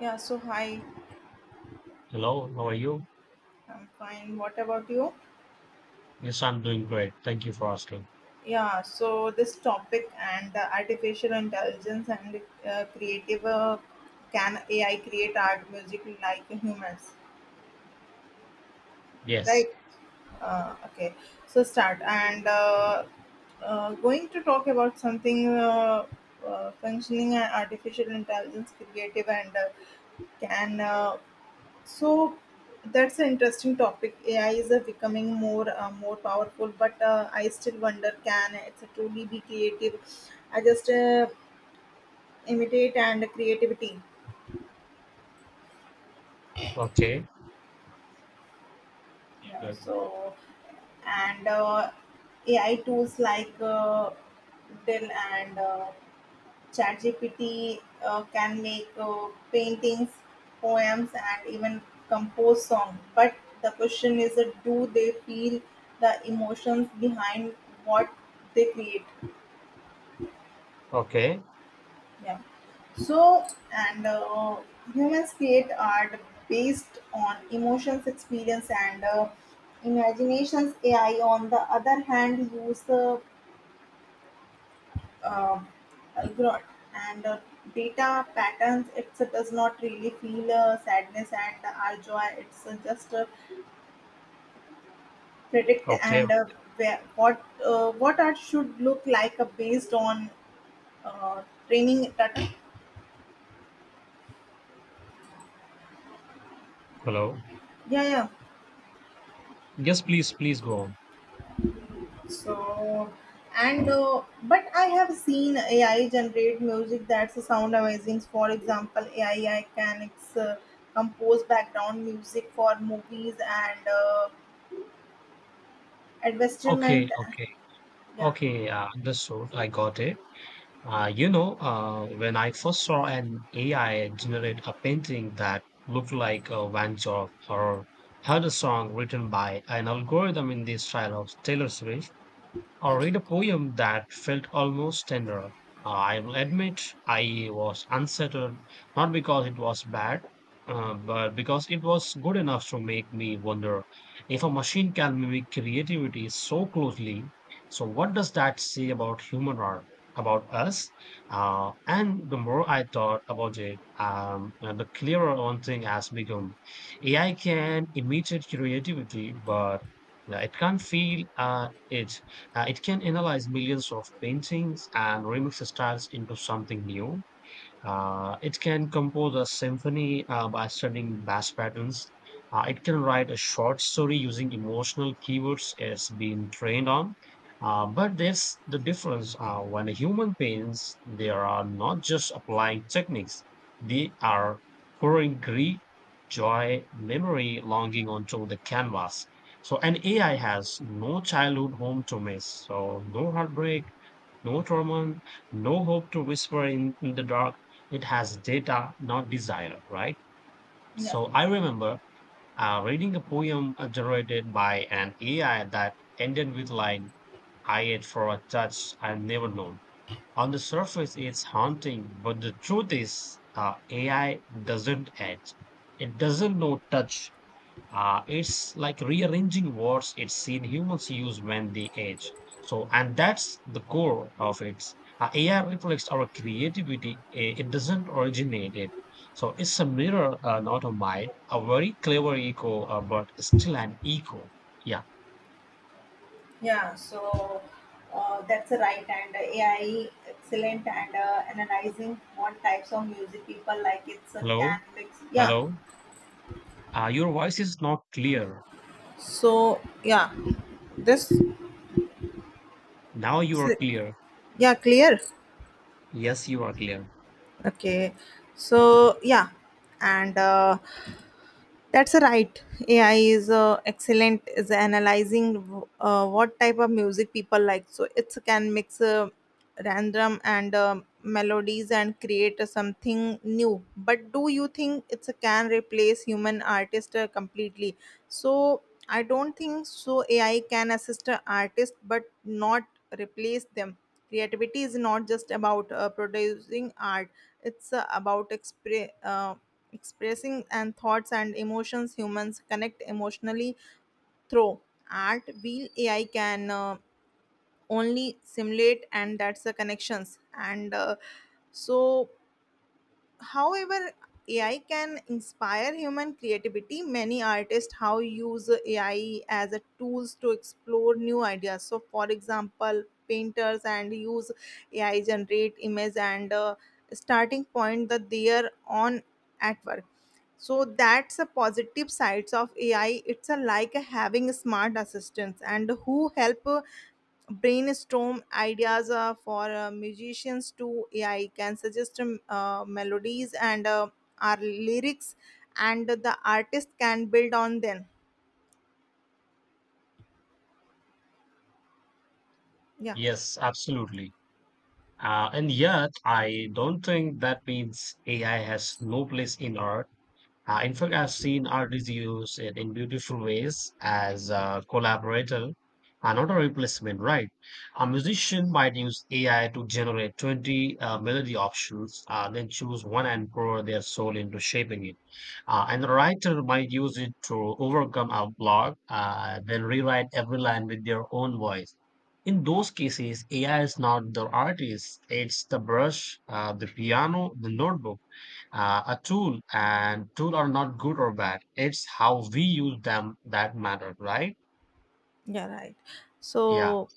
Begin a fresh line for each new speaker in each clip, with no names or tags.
Hi,
Hello, how are you?
I'm fine. What about you?
Yes, I'm doing great. Thank you for asking.
Yeah, so this topic and artificial intelligence and creative can AI create art, music like humans, right?
Yes.
Okay, so start and going to talk about something functioning and artificial intelligence creative and can So that's an interesting topic. AI is becoming more powerful, but I still wonder can it truly be creative? I just imitate and creativity.
Okay.
Yeah.
Good.
So and AI tools like Dell and ChatGPT can make paintings, poems, and even compose songs. But the question is, do they feel the emotions behind what they create?
Okay.
Yeah. So, and humans create art based on emotions, experience, and imaginations. AI, on the other hand, use uh, abroad and data patterns. It does not really feel sadness and our joy. It's just predict
Okay.
and where, what art should look like based on training data.
Hello.
Yeah, yeah.
Yes, please, please go on.
So and but I have seen AI generate music that's sound amazing. For example, AI can compose background music for movies and
Okay.
advertisement.
Okay.
Yeah.
Okay. Yeah, understood. I got it. When I first saw an AI generate a painting that looked like a Van Gogh, or heard a song written by an algorithm in the style of Taylor Swift, or read a poem that felt almost tender, I will admit I was unsettled. Not because it was bad, but because it was good enough to make me wonder if a machine can mimic creativity so closely. So, what does that say about human art, about us? And the more I thought about it, the clearer one thing has become. AI can imitate creativity, but it can't feel, it can analyze millions of paintings and remix styles into something new. It can compose a symphony by studying bass patterns. It can write a short story using emotional keywords it's been trained on. But there's the difference. When a human paints, they are not just applying techniques, they are pouring grief, joy, memory, longing onto the canvas. So an AI has no childhood home to miss, so no heartbreak, no trauma, no hope to whisper in the dark. It has data, not desire, right?
Yeah,
So I remember reading a poem generated by an AI that ended with line, I ate for a touch I've never known. On the surface, it's haunting, but the truth is, AI doesn't edge. It doesn't know touch. It's like rearranging words it's seen humans use when they age. So, and that's the core of it. AI reflects our creativity, eh, it doesn't originate it. So, it's a mirror, not a mind, a very clever echo, but still an echo. Yeah.
yeah. So that's right. And AI excellent and analyzing what types of music people like. It's a
Hello?
can mix. Yeah.
Hello? Your voice is not clear.
So yeah, this.
Now you are clear.
Yeah, clear.
Yes, you are clear.
Okay, so yeah, and that's right. AI is excellent is analyzing what type of music people like. So it can mix random and melodies and create something new. But do you think it can replace human artist completely? So I don't think so. AI can assist an artist, but not replace them. Creativity is not just about producing art; it's about expressing and thoughts and emotions. Humans connect emotionally through art. While AI can only simulate, and that's the connections. And so However, AI can inspire human creativity. Many artists how use AI as a tools to explore new ideas. So, for example, painters and use AI generate image and starting point that they are on at work. So that's a positive sides of AI. It's a like a having smart assistants and who help brainstorm ideas for musicians to AI can suggest melodies and our lyrics, and the artist can build on them. Yeah,
Yes, absolutely. And yet, I don't think that means AI has no place in art. In fact, I've seen artists use it in beautiful ways as a collaborator and not a replacement, right? A musician might use AI to generate 20 melody options, then choose one and pour their soul into shaping it. And the writer might use it to overcome a block, then rewrite every line with their own voice. In those cases, AI is not the artist, it's the brush, the piano, the notebook, a tool. And tool are not good or bad, it's how we use them that matter, right?
yeah, right.
Yeah.
So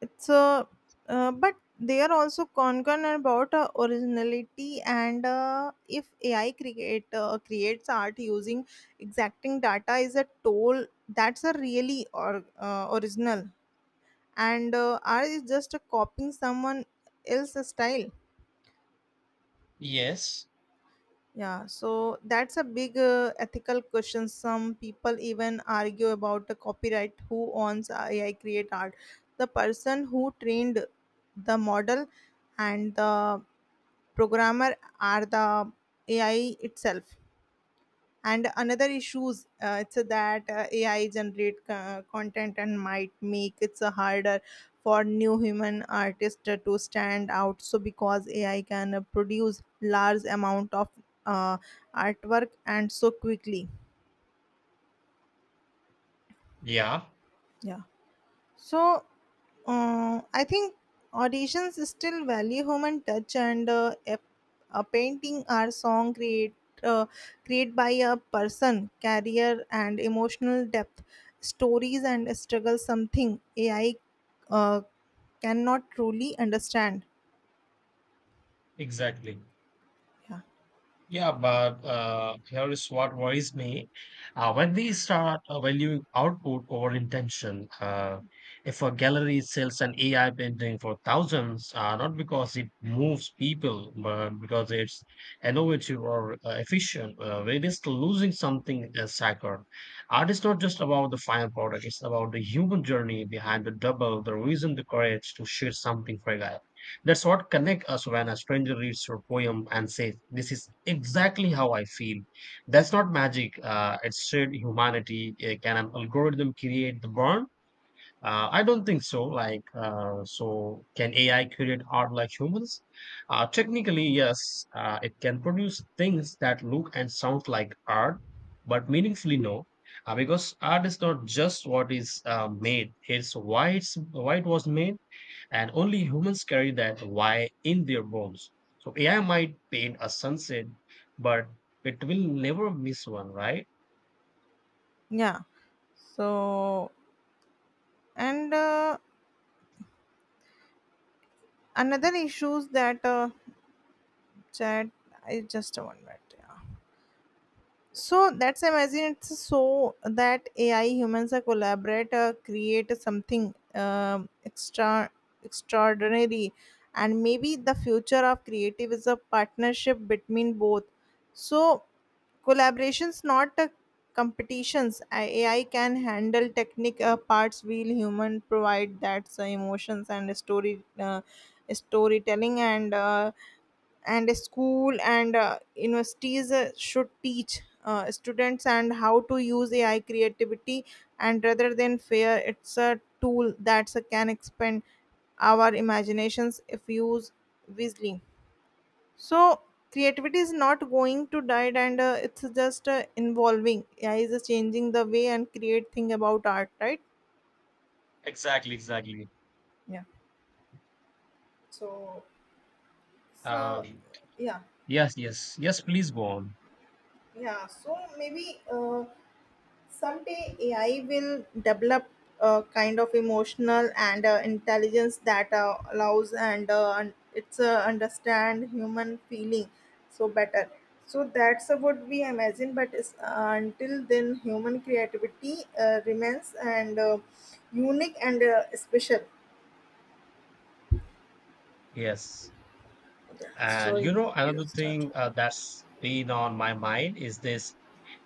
it's a, but they are also concerned about originality and if AI creates art using exacting data is a toll that's a really or original and art is just copying someone else's style.
Yes,
Yeah, so that's a big ethical question. Some people even argue about the copyright. Who owns AI create art, the person who trained the model and the programmer, are the AI itself? And another issues it's that AI generate content and might make it so harder for new human artists to stand out, so because AI can produce large amount of uh, artwork and so quickly.
yeah,
Yeah. So I think auditions still value human touch and a painting or song uh, create by a person, career and emotional depth, stories and struggle, something AI uh, cannot truly understand.
exactly.
Yeah,
Yeah, but here is what worries me. When we start valuing output over intention, if a gallery sells an AI painting for thousands, not because it moves people, but because it's innovative or efficient, we're just losing something sacred. Art is not just about the final product, it's about the human journey behind the double, the reason, the courage to share something fragile. That's what connect us when a stranger reads your poem and says, "This is exactly how I feel." That's not magic. It's shared humanity. Can an algorithm create the burn? I don't think so. Like, so can AI create art like humans? Technically, yes. It can produce things that look and sound like art, but meaningfully, no. Because art is not just what is made; it's why it was made, and only humans carry that why in their bones. So AI might paint a sunset, but it will never miss one, right?
yeah. So and another issues that chat. I just 1 minute. So that's amazing. It's so that AI humans are collaborate, create something extraordinary, and maybe the future of creative is a partnership between both. So collaborations, not competitions. AI can handle technique parts, while human provide that's emotions and story storytelling and. And a school and universities should teach students and how to use AI creativity and rather than fear It's a tool that can expand our imaginations if used wisely. So creativity is not going to die, and it's just involving AI is changing the way and create thing about art, right?
Exactly, exactly.
yeah so so
Um,
yeah
Yes, yes, yes. Please go on.
yeah so maybe someday AI will develop a kind of emotional and intelligence that allows and un- it's understand human feeling so better. So that's what we imagine. But until then, human creativity remains and unique and special.
Yes.
So
And you
you
know, another
start.
thing that's been on my mind is this: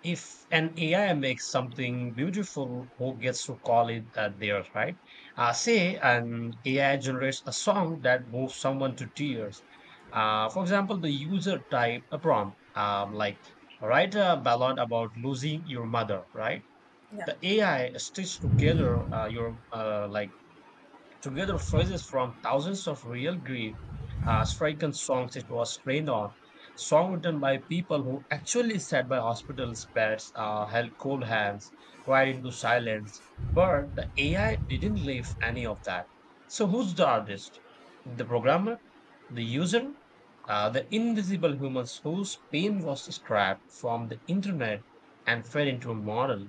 if an AI makes something beautiful, who gets to call it theirs, right? Say an AI generates a song that moves someone to tears. For example, the user type a prompt like write a ballad about losing your mother, right?
Yeah,
The AI stitch together your like together phrases from thousands of real grief stricken songs it was trained on, song written by people who actually sat by hospital beds, held cold hands, cried into silence. But the AI didn't leave any of that. So who's the artist? The programmer, the user, the invisible humans whose pain was scrapped from the internet and fed into a model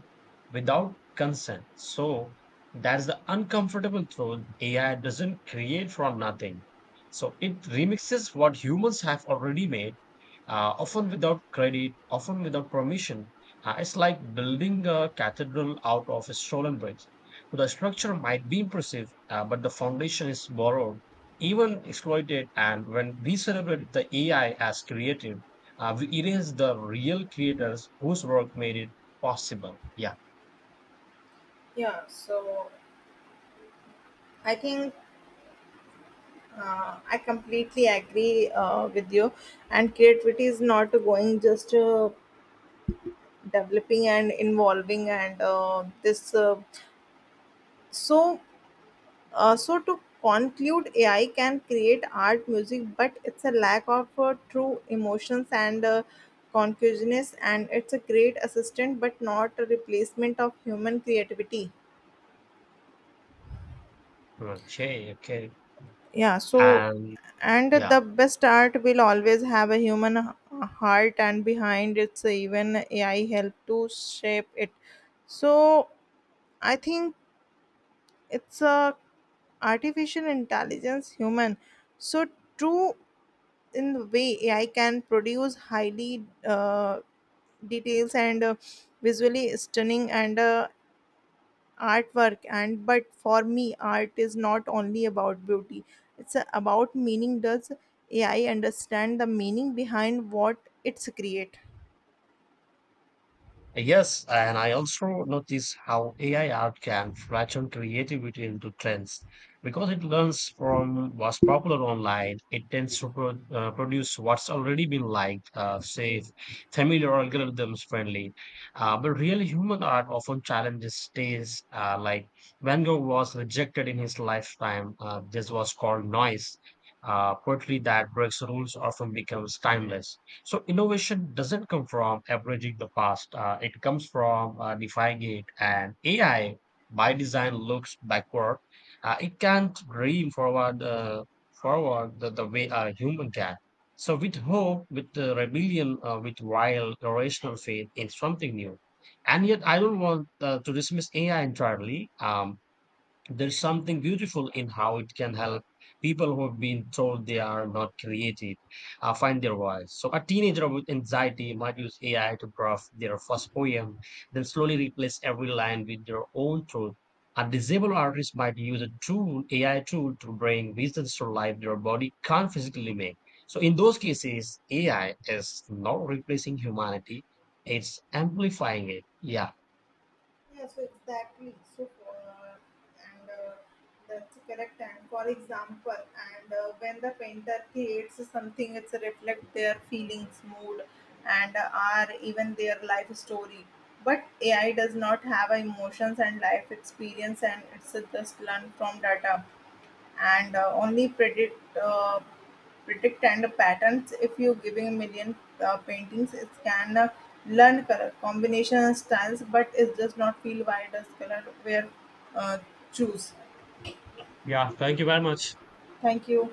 without consent? So that's the uncomfortable truth. AI doesn't create from nothing. So it remixes what humans have already made, often without credit, often without permission. It's like building a cathedral out of a stolen bridge. So the structure might be impressive, but the foundation is borrowed, even exploited. And when we celebrate the AI as creative, we erase the real creators whose work made it possible. Yeah.
yeah. So I think I completely agree with you. And creativity is not going just developing and involving and this. So, so to conclude, AI can create art, music, but it's a lack of true emotions and consciousness, and it's a great assistant, but not a replacement of human creativity.
Okay. Okay.
Yeah. So
And
and the
yeah.
best art will always have a human heart and behind, it's even AI help to shape it. So I think it's a artificial intelligence human, so true in the way AI can produce highly details and visually stunning and artwork and. But for me, art is not only about beauty, it's about meaning. Does AI understand the meaning behind what it's create?
Yes, and I also notice how AI art can flatten creativity into trends. Because it learns from what's popular online, it tends to produce what's already been liked, safe, familiar, algorithms friendly. But real human art often challenges taste. Like Van Gogh was rejected in his lifetime. This was called noise. Poetry that breaks rules often becomes timeless. So innovation doesn't come from averaging the past. It comes from defying it. And AI, by design, looks backward. It can't dream forward, the way a human can. So with hope, with the rebellion, with wild, irrational faith in something new. And yet, I don't want to dismiss AI entirely. There's something beautiful in how it can help people who have been told they are not creative find their voice. So, a teenager with anxiety might use AI to draft their first poem, then slowly replace every line with their own truth. A disabled artist might use a tool, AI tool, to bring visions to life their body can't physically make. So, in those cases, AI is not replacing humanity, it's amplifying it. Yeah.
Yeah, so exactly. So, uh, and that's correct. And for example, and when the painter creates something, it's reflect their feelings, mood, and are even their life story. But AI does not have emotions and life experience, and it's just learn from data and only predict predict and patterns. If you giving a million paintings it can learn color combination and styles, but it does not feel why does color where uh, choose.
Yeah, thank you very much.
Thank you.